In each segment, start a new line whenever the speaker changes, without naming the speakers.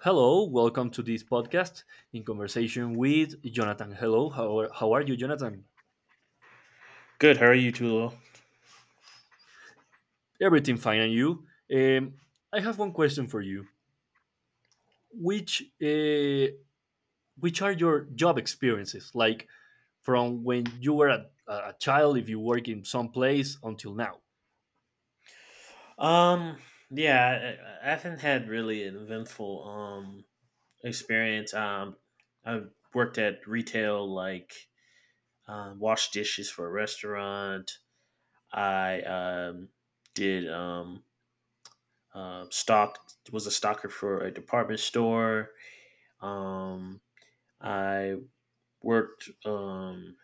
Hello, welcome to this podcast in conversation with Jonathan. Hello, how are you, Jonathan?
Good. How are you, Tulo?
Everything fine, and you? Um, I have one question for you. Which uh, which are your job experiences, like from when you were a child, if you work in some place, until now?
Um, yeah, I haven't had really an eventful experience. I've worked at retail, like washed dishes for a restaurant. I did stock was a stocker for a department store. Um, I worked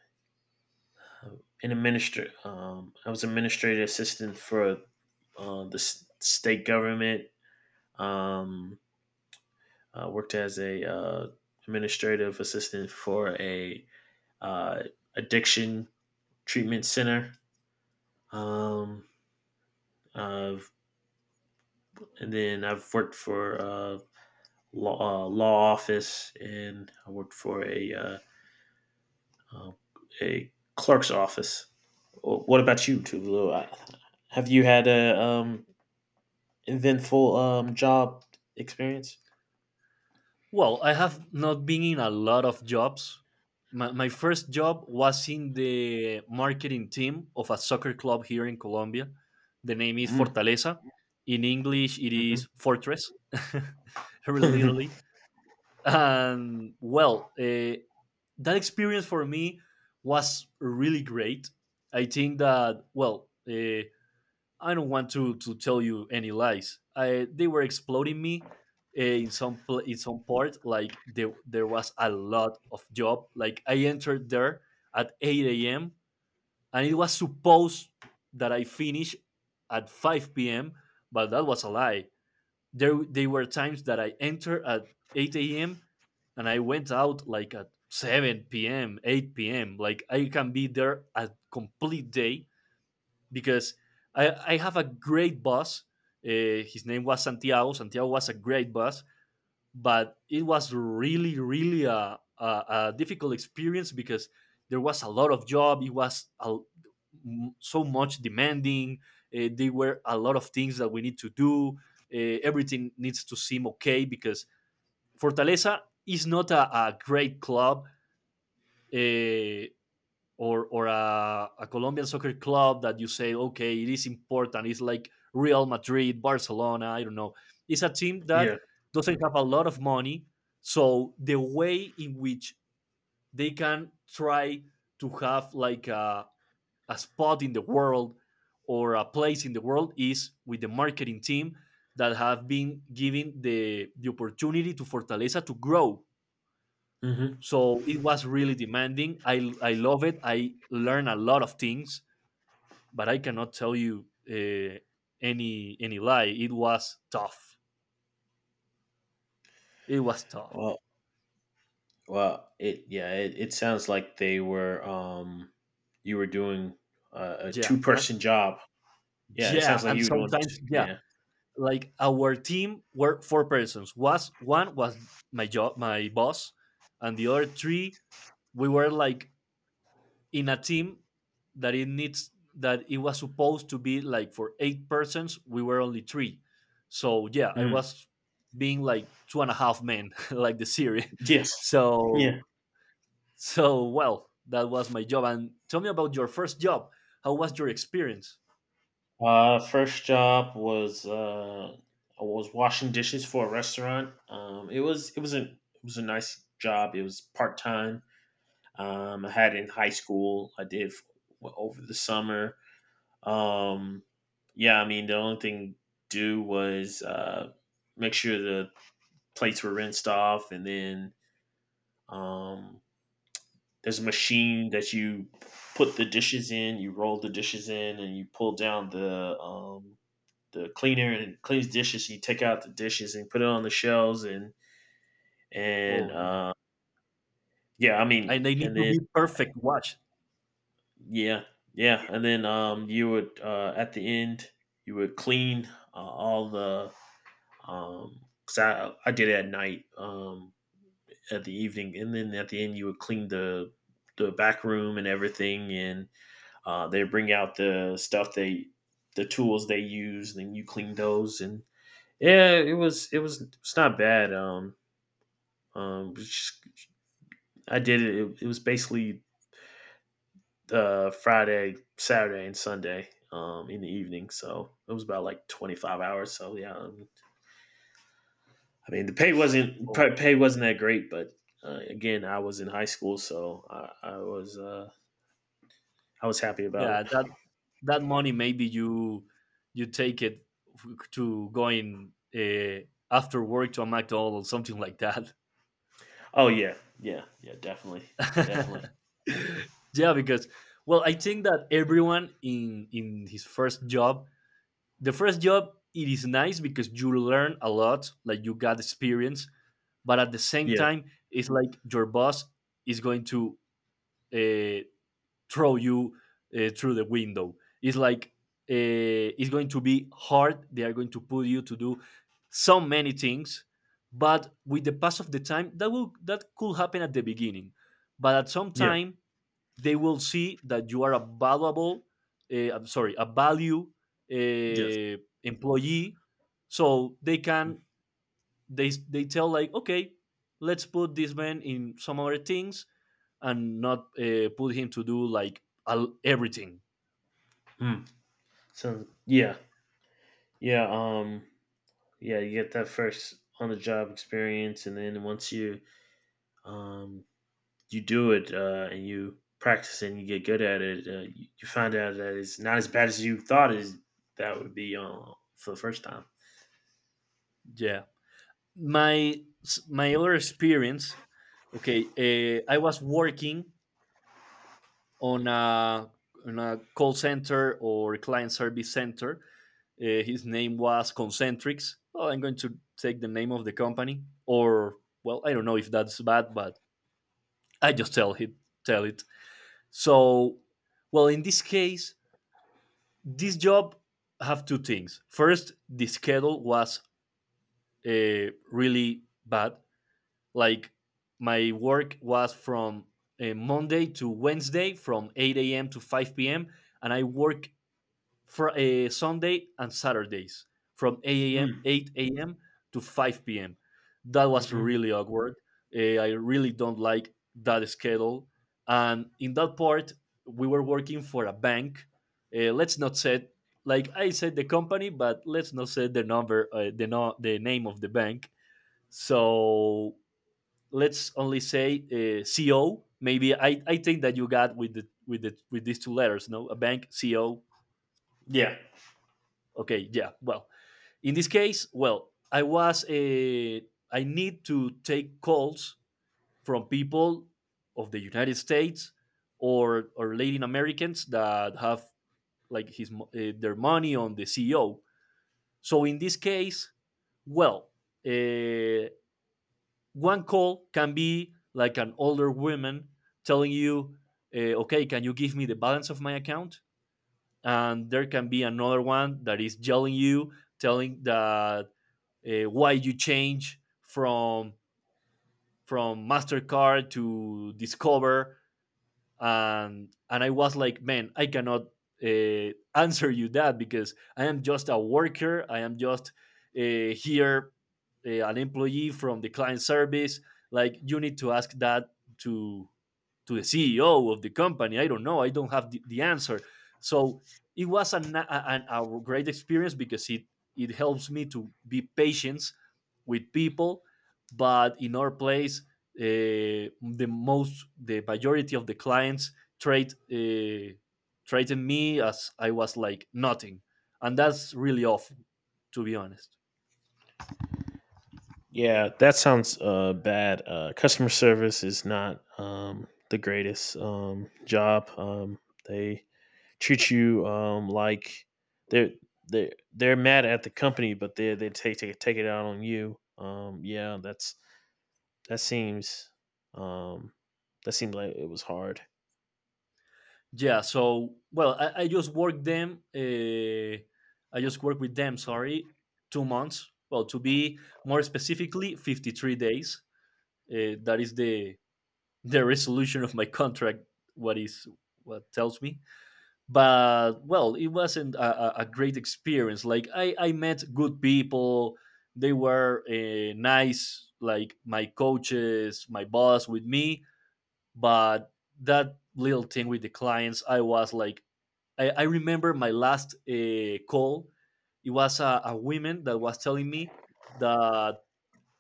in administr I was administrative assistant for the state government. Um, Worked as a administrative assistant for a uh, addiction treatment center. Um, uh, and then I've worked for a law office, and I worked for uh, a clerk's office. What about you, Tulu? Have you had a eventful job experience?
Well, I have not been in a lot of jobs. My first job was in the marketing team of a soccer club here in Colombia. The name is
Mm.
Fortaleza. In English, it is Fortress,
Hmm.
literally. And well, that experience for me was really great. I think that, well, I don't want to tell you any lies. I They were exploding me in some part. Like there was a lot of job. Like I entered there at eight a.m. and it was supposed that I finish at five p.m. But that was a lie. There they were times that I entered at eight a.m. and I went out like at seven p.m., eight p.m. Like I can be there a complete day because I have a great boss. His name was Santiago. Santiago was a great boss, but it was really, really a difficult experience because there was a lot of job. It was so much demanding. There were a lot of things that we need to do. Everything needs to seem okay because Fortaleza is not a great club. Uh, or a Colombian soccer club that you say, okay, it is important. It's like Real Madrid, Barcelona. I don't know. It's a team that
Yeah.
doesn't have a lot of money, so the way in which they can try to have like a spot in the world or a place in the world is with the marketing team that have been given the opportunity to Fortaleza to grow.
Hmm.
So it was really demanding. I love it. I learned a lot of things, but I cannot tell you any lie. It was tough. It was tough.
Well, it sounds like they were you were doing a
Yeah,
two
and,
person job. Yeah, it
yeah,
sounds like
and
you were doing
sometimes, yeah,
yeah.
like our team were four persons. Was one, was my job, my boss, and the other three we were like in a team that it needs that it was supposed to be like for eight persons. We were only three, so yeah, I
Hmm.
was being like two and a half men, like the series.
Yes.
So
Yeah.
So, well, that was my job. And tell me about your first job. How was your experience?
First job was I was washing dishes for a restaurant. It was a nice job. It was part-time. I had it in high school. I did f- well, Over the summer. Um yeah, I mean the only thing do was make sure the plates were rinsed off, and then um, there's a machine that you put the dishes in, you roll the dishes in, and you pull down the cleaner and it cleans dishes. And you take out the dishes and put it on the shelves, and and
Oh yeah,
uh, yeah, I
and
mean,
they need
and
to
then
be perfect. Watch.
yeah, yeah, and then you would at the end you would clean all the um, cause I did it at night at the evening, and then at the end you would clean the back room and everything, and they bring out the stuff they the tools they use, and you clean those, and yeah, it's not bad. Um, just- I did it. It was basically Friday, Saturday, and Sunday in the evening, so it was about like 25 hours. So I mean the
Oh
pay wasn't that great, but again, I was in high school, so I was. I was happy about
yeah,
it.
that money maybe you take it to going, after work to a McDonald's, something like that.
Oh yeah, yeah, yeah, definitely, definitely.
Yeah, because well, I think that everyone in his first job, the first job, it is nice because you learn a lot, like you got experience, but at the same
Yeah,
time it's like your boss is going to uh, throw you through the window. It's like it's going to be hard. They are going to put you to do so many things, but with the pass of the time, that will, that could happen at the beginning, but at some
yeah,
time they will see that you are a valuable, I'm sorry, a value
yes.
uh, employee. So they can they tell like, okay, let's put this man in some other things, and not put him to do like everything.
Mm. So yeah, yeah, um, yeah. You get that first on the job experience, and then once you um you do it and you practice and you get good at it, you find out that it's not as bad as you thought is that would be for the first time.
Yeah, my my other experience. Okay, I was working on a call center or client service center. His name was Concentrix. Well, I'm going to take the name of the company, or well, I don't know if that's bad, but I just tell it. Tell it. So, well, in this case, this job have two things. First, the schedule was really bad. Like my work was from Monday to Wednesday from 8 a.m. to 5 p.m. and I work for a Sunday and Saturdays from a.m.
Mm.
8 a.m. to 5 p.m. That was
Hmm.
really awkward. I really don't like that schedule. And in that part, we were working for a bank. Let's not say, like I said, the company, but let's not say the number, the no, the name of the bank. So let's only say CO. Maybe I think that you got with these two letters, no, a bank CO.
Yeah.
Okay, yeah. Well, in this case, well, I was a. I need to take calls from people of the United States or Latin Americans that have like their money on the CEO. So in this case, well, uh, one call can be like an older woman telling you, "Okay, can you give me the balance of my account?" And there can be another one that is yelling you, telling that why you change from Mastercard to Discover, and I was like, man, I cannot answer you that because I am just a worker. I am just here, an employee from the client service. Like you need to ask that to to the CEO of the company. I don't know. I don't have the answer. So it was a great experience because it helps me to be patient with people. But in our place, uh, the majority of the clients treat uh, treated me as I was like nothing, and that's really awful, to be honest.
Yeah, that sounds bad. Customer service is not the greatest job. They treat you like they're they're mad at the company, but they take it out on you. Yeah, that's that seems um, that seemed like it was hard.
Yeah, so well, I just worked them. I just worked with them. Sorry, 2 months. Well, to be more specifically, 53 days. That is the resolution of my contract. What is what tells me. But well, it wasn't a great experience. Like I met good people. They were nice, like my coaches, my boss with me, but that little thing with the clients, I was like, I remember my last call. It was a woman that was telling me that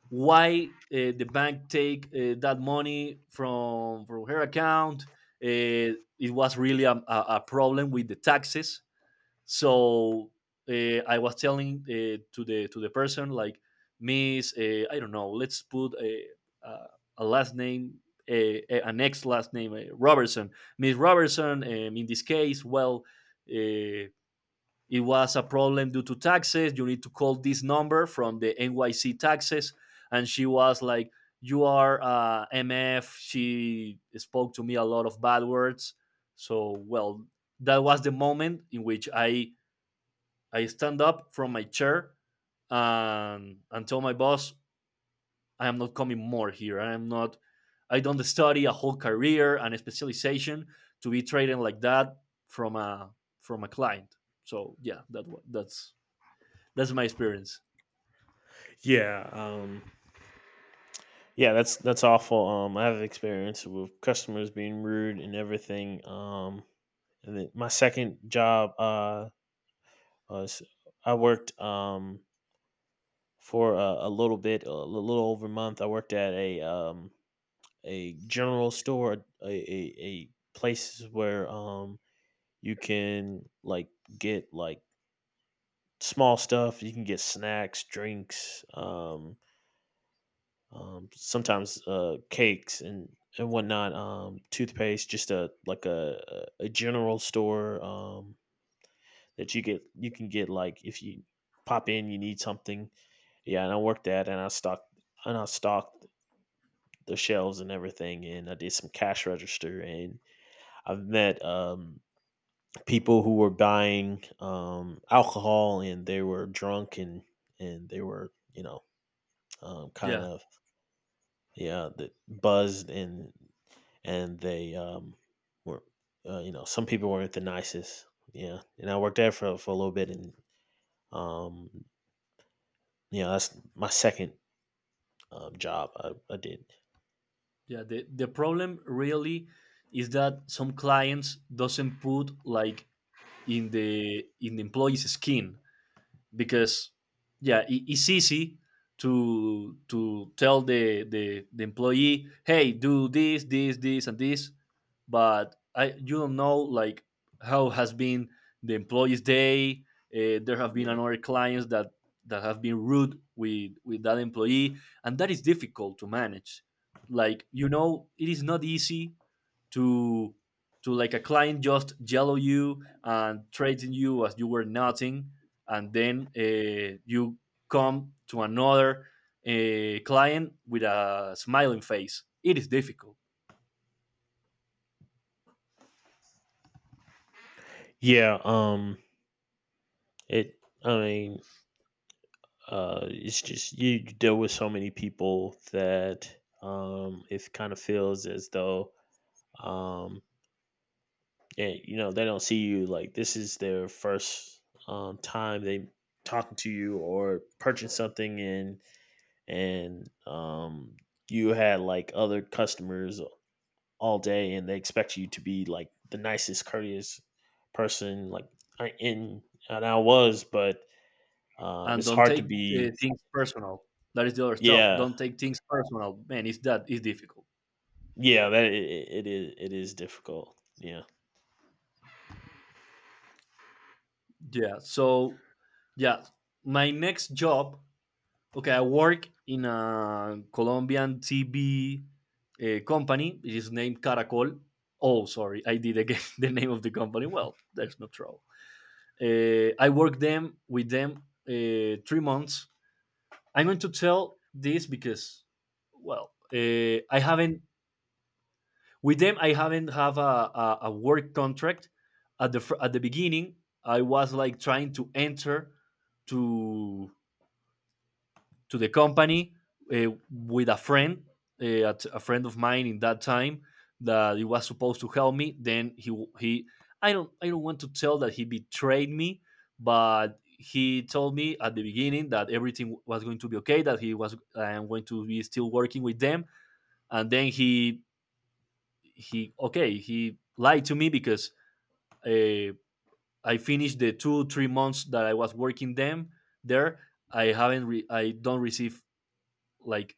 why the bank take that money from her account. It was really problem with the taxes. So I was telling to the person like, "Miss, I don't know, let's put a, a last name. An ex last name, Robertson, Miss Robertson. In this case, well, uh, it was a problem due to taxes. You need to call this number from the NYC taxes." And she was like, "You are MF." She spoke to me a lot of bad words. So, well, that was the moment in which I stand up from my chair and tell my boss, "I am not coming more here. I am not, I don't study a whole career and a specialization to be treated like that from a client." So yeah, that's my experience.
Yeah. Yeah, that's awful. I have experience with customers being rude and everything. And then my second job, s I worked for a little bit, a little over a month. I worked at a general store, a, a, a places where you can like get like small stuff. You can get snacks, drinks, sometimes cakes and whatnot. Toothpaste, just a like a general store that you get. You can get like if you pop in, you need something. Yeah, and I worked that, and I stocked the shelves and everything, and I did some cash register, and I've met people who were buying alcohol, and they were drunk, and they were kind
Yeah,
of yeah the, buzzed, and they were you know some people weren't the nicest, yeah, and I worked there for a little bit, and um, you know that's my second job I did.
yeah. The problem really is that some clients doesn't put like in the employee's skin. Because yeah, it's easy to tell the employee, "Hey, do this, this, this, and this," but I you don't know like how has been the employee's day. There have been
Yeah.
another clients that have been rude with that employee, and that is difficult to manage. Like, you know, it is not easy to to like a client just yellow you and treating you as you were nothing, and then you come to another client with a smiling face. It is difficult.
Yeah, I mean, it's just you deal with so many people that it kind of feels as though, um, and, you know, they don't see you like this is their first time they talking to you or purchasing something and and um, you had like other customers all day and they expect you to be like the nicest courteous person like I in and I was but
And
it's
don't
hard to
take
be.
things personal. That is the other stuff.
Yeah.
Don't take things personal, man. It's difficult.
Yeah, that I it is difficult. Yeah.
Yeah. So, yeah, my next job. Okay, I work in a Colombian TV company. It is named Caracol. Oh, sorry, I did again the name of the company. Well, that's not true. I worked them 3 months. I'm going to tell this because, well, I haven't with them. I haven't have a work contract. At at the beginning, I was like trying to enter to to the company with a friend, friend of mine in that time that he was supposed to help me. Then he, I don't want to tell that he betrayed me, but he told me at the beginning that everything was going to be okay, that he was I am going to be still working with them, and then he, okay, he lied to me because uh, I finished the two three months that I was working them there. I haven't re- I don't receive, like,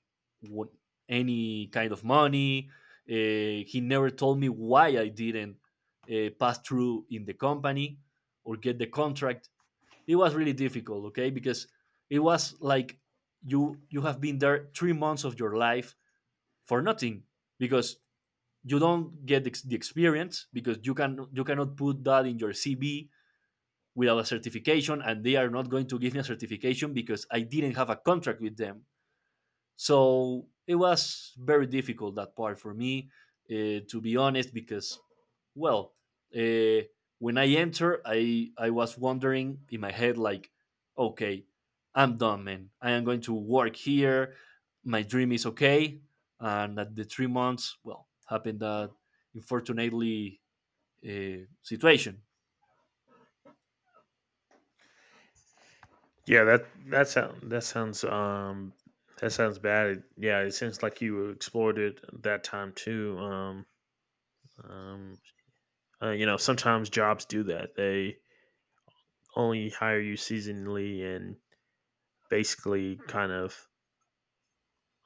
what, any kind of money. He never told me why I didn't pass through in the company or get the contract. It was really difficult, okay, because it was like you have been there 3 months of your life for nothing because you don't get the experience because you cannot put that in your CV without a certification, and they are not going to give me a certification because I didn't have a contract with them. So it was very difficult that part for me, to be honest, because well, uh, when I enter, I was wondering in my head like, okay, I'm done, man. I am going to work here. My dream is okay, and at the 3 months, well, happened that unfortunately situation.
Yeah, that that sound that sounds bad. Yeah, it sounds like you explored it that time too. Um, you know, sometimes jobs do that. They only hire you seasonally and basically kind of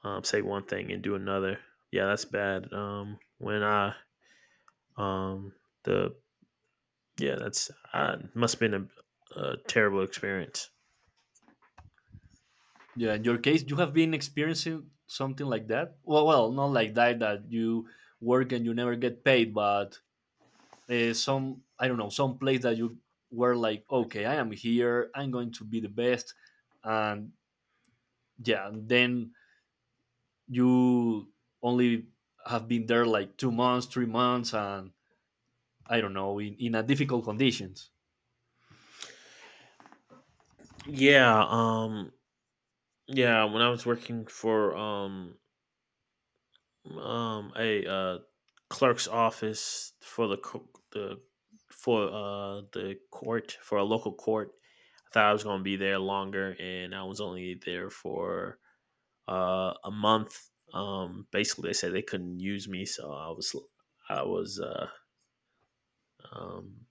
say one thing and do another. Yeah, that's bad. When I um the Yeah, that's I must have been a terrible experience.
Yeah, in your case, you have been experiencing something like that. Well, not like that that you work and you never get paid, but some I don't know some place that you were like okay I am here I'm going to be the best and yeah and then you only have been there like 2 months 3 months and I don't know in a difficult conditions
Yeah. Yeah, when I was working for a clerk's office for the for the court for a local court, I thought I was going to be there longer and I was only there for a month. Um, basically they said they couldn't use me, so I was uh um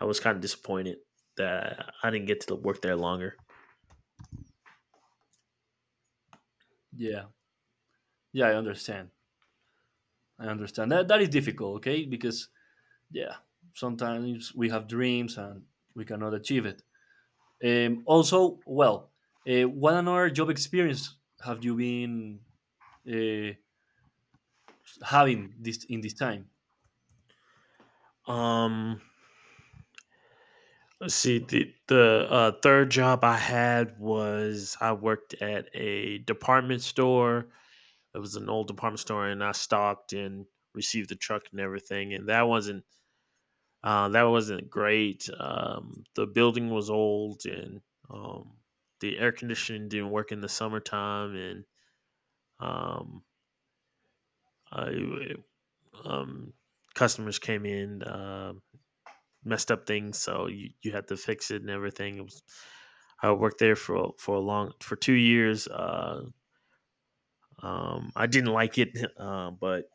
I was kind of disappointed that I didn't get to work there longer.
yeah yeah I understand that that is difficult okay because yeah sometimes we have dreams and we cannot achieve it also well what another job experience have you been uh, having this in this time.
Um, let's see. The third job I had was I worked at a department store. It was an old department store, and I stocked and received the truck and everything. And that wasn't great. The building was old, and um, the air conditioning didn't work in the summertime, and um, I, um, customers came in. Messed up things, so you had to fix it and everything. It was, I worked there for a long for 2 years. I didn't like it, but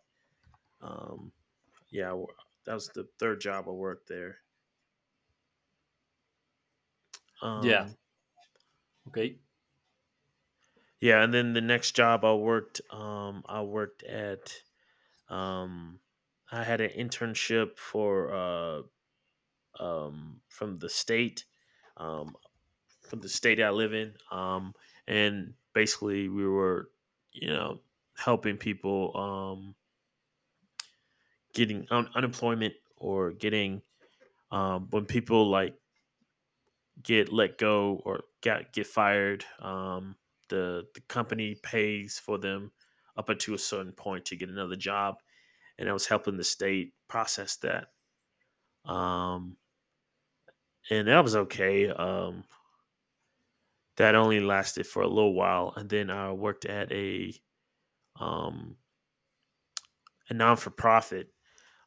um, yeah, that was the third job I worked there.
Yeah.
Um,
Okay.
yeah, and then the next job I worked at. Um, I had an internship for from the state. Um, from the state I live in. And basically, we were, you know, helping people getting unemployment or getting when people like get let go or get fired. The company pays for them up until a certain point to get another job, and I was helping the state process that. Um, and that was okay. That only lasted for a little while, and then I worked at um, a non for profit,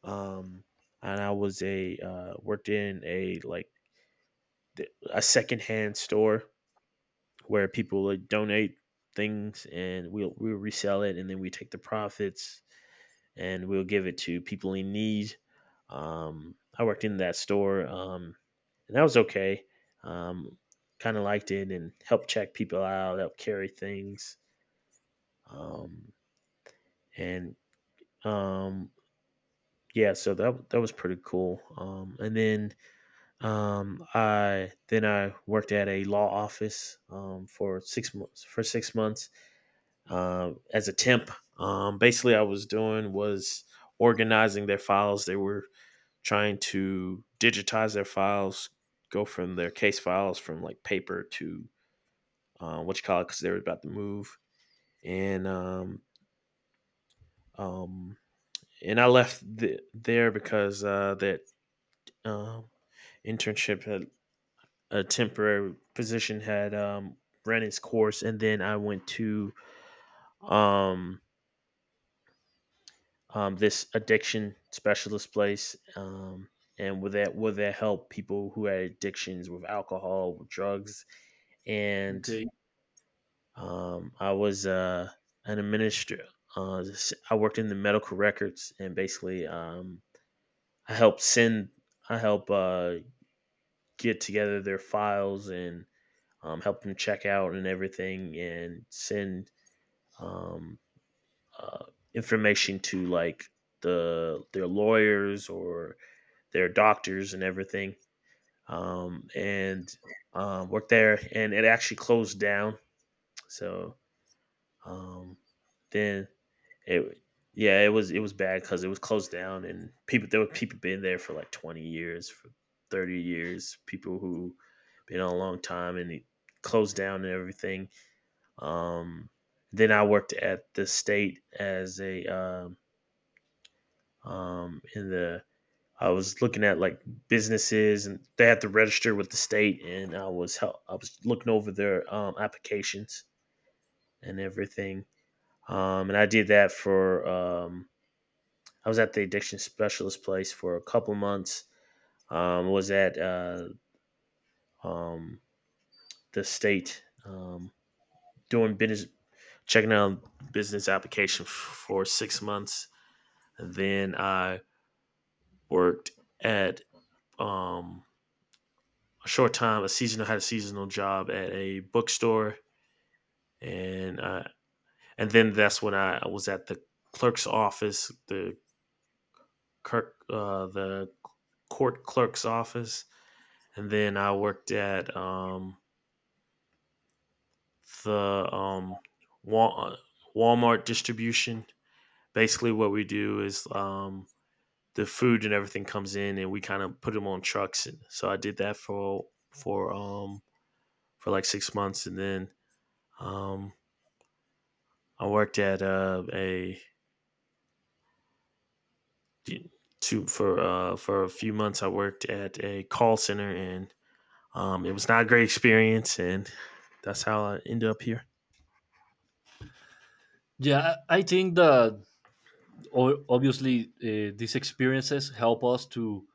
um, and I was a worked in a like a secondhand store where people would donate things and we'll resell it and then we take the profits and we'll give it to people in need. I worked in that store, and that was okay. Um, kind of liked it and helped check people out, helped carry things, um, and um, yeah, so that that was pretty cool. And then I then I worked at a law office for 6 months. For 6 months as a temp, basically, I was doing was organizing their files. They were trying to digitize their files, go from their case files from like paper to what you call it, because they were about to move. And um, um, and I left there because that um internship had a temporary position had ran its course, and then I went to um, this addiction specialist place, and with that help people who had addictions with alcohol, with drugs, and
Okay.
I was an administrator. I worked in the medical records, and basically, I helped send, I help get together their files and help them check out and everything, and send um, uh, information to like the their lawyers or their doctors and everything, and worked there. And it actually closed down. So um, then it yeah it was bad because it was closed down and people there were people been there for like 20 years for 30 years people who been on a long time and it closed down and everything. Um then i worked at the state as a and the I was looking at like businesses and they had to register with the state, and I was looking over their applications and everything, and I did that for I was at the addiction specialist place for a couple months. Was at um, the state, doing business, checking out business for 6 months, and then I worked at um a short time, a seasonal job at a bookstore, and uh, and then that's when I was at the clerk's office, the clerk, the court clerk's office, and then I worked at the um, Wal- uh, Walmart distribution. Basically, what we do is, the food and everything comes in, and we kind of put them on trucks. So I did that for for um, for like 6 months, and then um, I worked at a two for a few months. I worked at a call center, and it was not a great experience. And that's how I ended up here.
Yeah, I think that obviously these experiences help us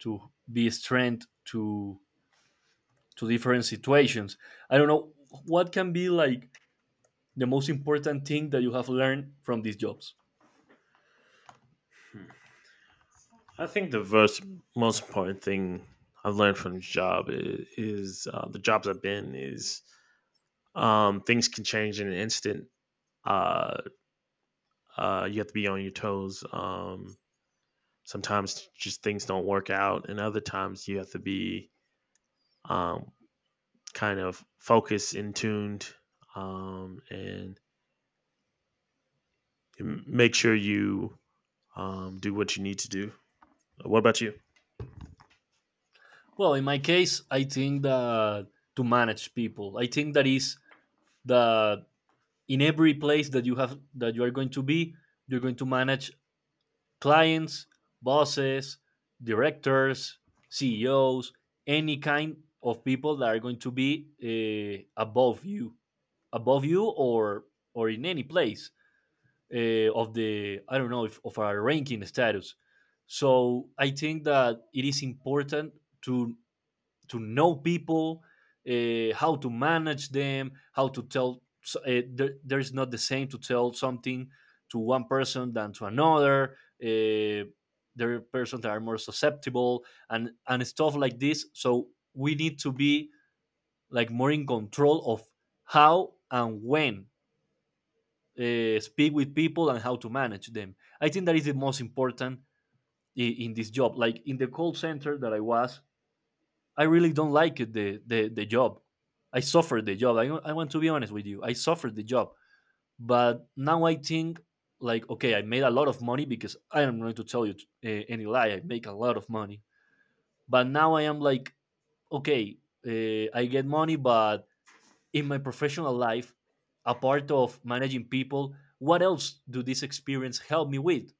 to be strength to different situations. I don't know what can be like the most important thing that you have learned from these jobs.
I think the most important thing I've learned from this job is the jobs I've been is, things can change in an instant. Uh, you have to be on your toes. Sometimes just things don't work out, and other times you have to be um, kind of focused and tuned, and make sure you do what you need to do. What about you?
Well, in my case, I think that to manage people. I think that is that in every place that you have that you are going to be, you're going to manage clients, bosses, directors, CEOs, any kind of people that are going to be uh, above you, above you, or in any place of the I don't know if of our ranking status. So I think that it is important to to know people, how to manage them, how to tell. So, there's not the same to tell something to one person than to another. Uh, there are persons that are more susceptible and stuff like this. So we need to be like more in control of how and when speak with people and how to manage them. I think that is the most important in this job. Like in the call center that I was, I really don't like the job. I suffered the job. I want to be honest with you. I suffered the job, but now I think like okay, I made a lot of money because I am going to tell you any lie. I make a lot of money, but now I am like okay, I get money, but in my professional life, a part of managing people, what else do this experience help me with?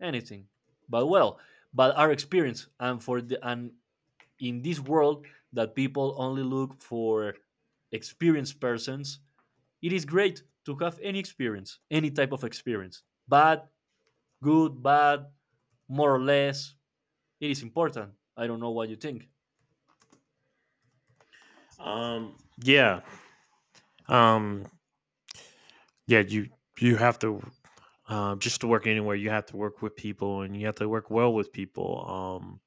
Anything. But well, but our experience and for the and in this world that people only look for experienced persons, it is great to have any experience, any type of experience. Bad, good, bad, more or less, it is important. I don't know what you think.
Um, yeah, um, yeah. You have to, just to work anywhere. You have to work with people, and you have to work well with people.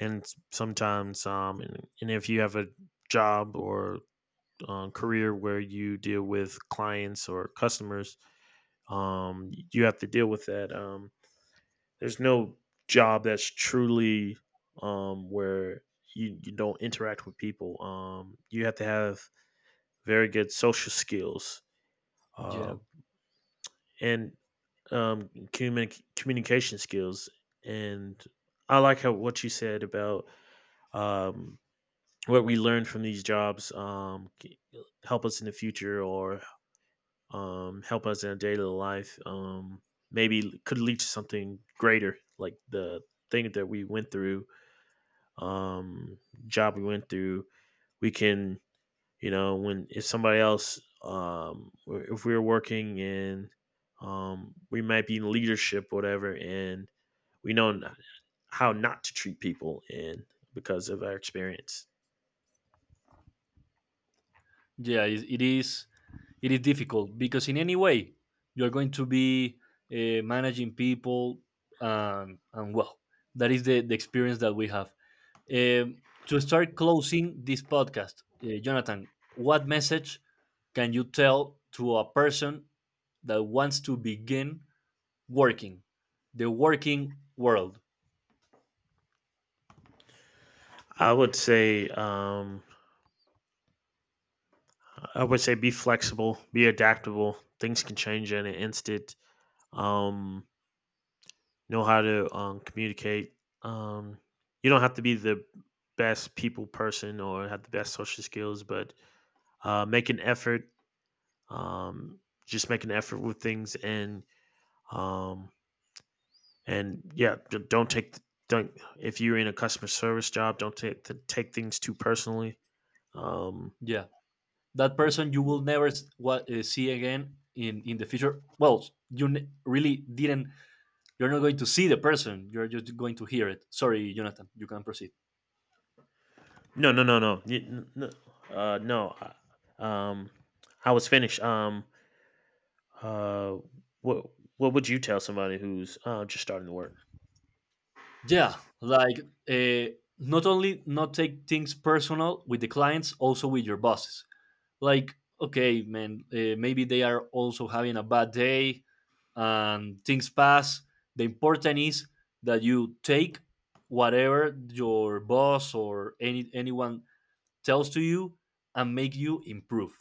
And Sometimes, and if you have a job or, career where you deal with clients or customers, you have to deal with that. There's no job that's truly, where you don't interact with people. You have to have very good social skills, uh,
Yeah.
and communication skills. And I like how what you said about, um, what we learn from these jobs help us in the future or, help us in our daily life. Maybe could lead to something greater, like the thing that we went through, um, job we went through, we can, you know, when if somebody else, if we're working and, we might be in leadership, whatever, and we know how not to treat people, and because of our experience,
Yeah, it is difficult because in any way you're going to be managing people and well that is the experience that we have. Um, to start closing this podcast, Jonathan, what message can you tell to a person that wants to begin working, the working world?
I would say, um, I would say, be flexible, be adaptable. Things can change in an instant. Um, know how to communicate. Um, you don't have to be the best people person or have the best social skills, but make an effort. Um, just make an effort with things, um, and yeah, don't take don't if you're in a customer service job, don't take things too personally. Um,
Yeah, that person you will never see again in the future. Well, really didn't. You're not going to see the person. You're just going to hear it. Sorry, Jonathan. You can proceed.
no, no, no, no, no, no. Um, I was finished. Uh, what what would you tell somebody who's just starting to work?
Yeah, like not only not take things personal with the clients, also with your bosses like okay man maybe they are also having a bad day and things pass the important is that you take whatever your boss or anyone tells to you and make you improve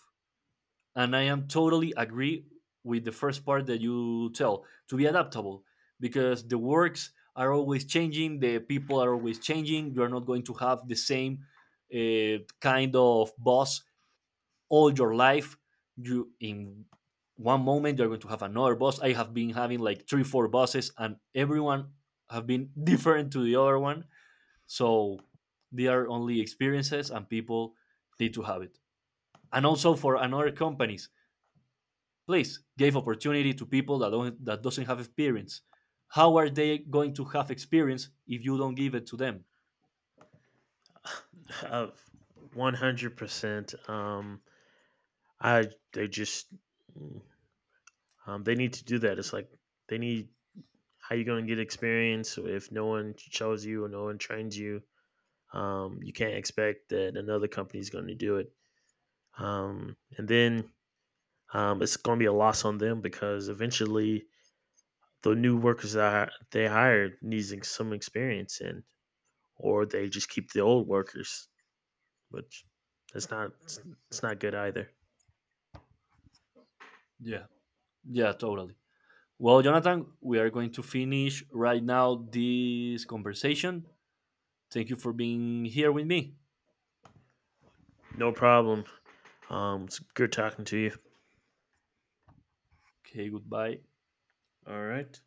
and I am totally agree with the first part that you tell to be adaptable because the works are always changing the people are always changing you are not going to have the same kind of boss all your life you in one moment you're going to have another boss I have been having like 3 or 4 bosses and everyone have been different to the other one so they are only experiences and people need to have it and also for another companies please give opportunity to people that don't that doesn't have experience how are they going to have experience if you don't give it to them
Of 100%. I they just mm, They need to do that. It's like they need, how you going to get experience if no one chose you or no one trains you? You can't expect that another company is going to do it. And then It's going to be a loss on them, because eventually the new workers that they hired needs some experience in, or they just keep the old workers, which that's not it's, it's not good either.
yeah yeah totally well Jonathan we are going to finish right now this conversation. Thank you for being here with me.
No problem. It's good talking to you.
Okay, goodbye.
All right.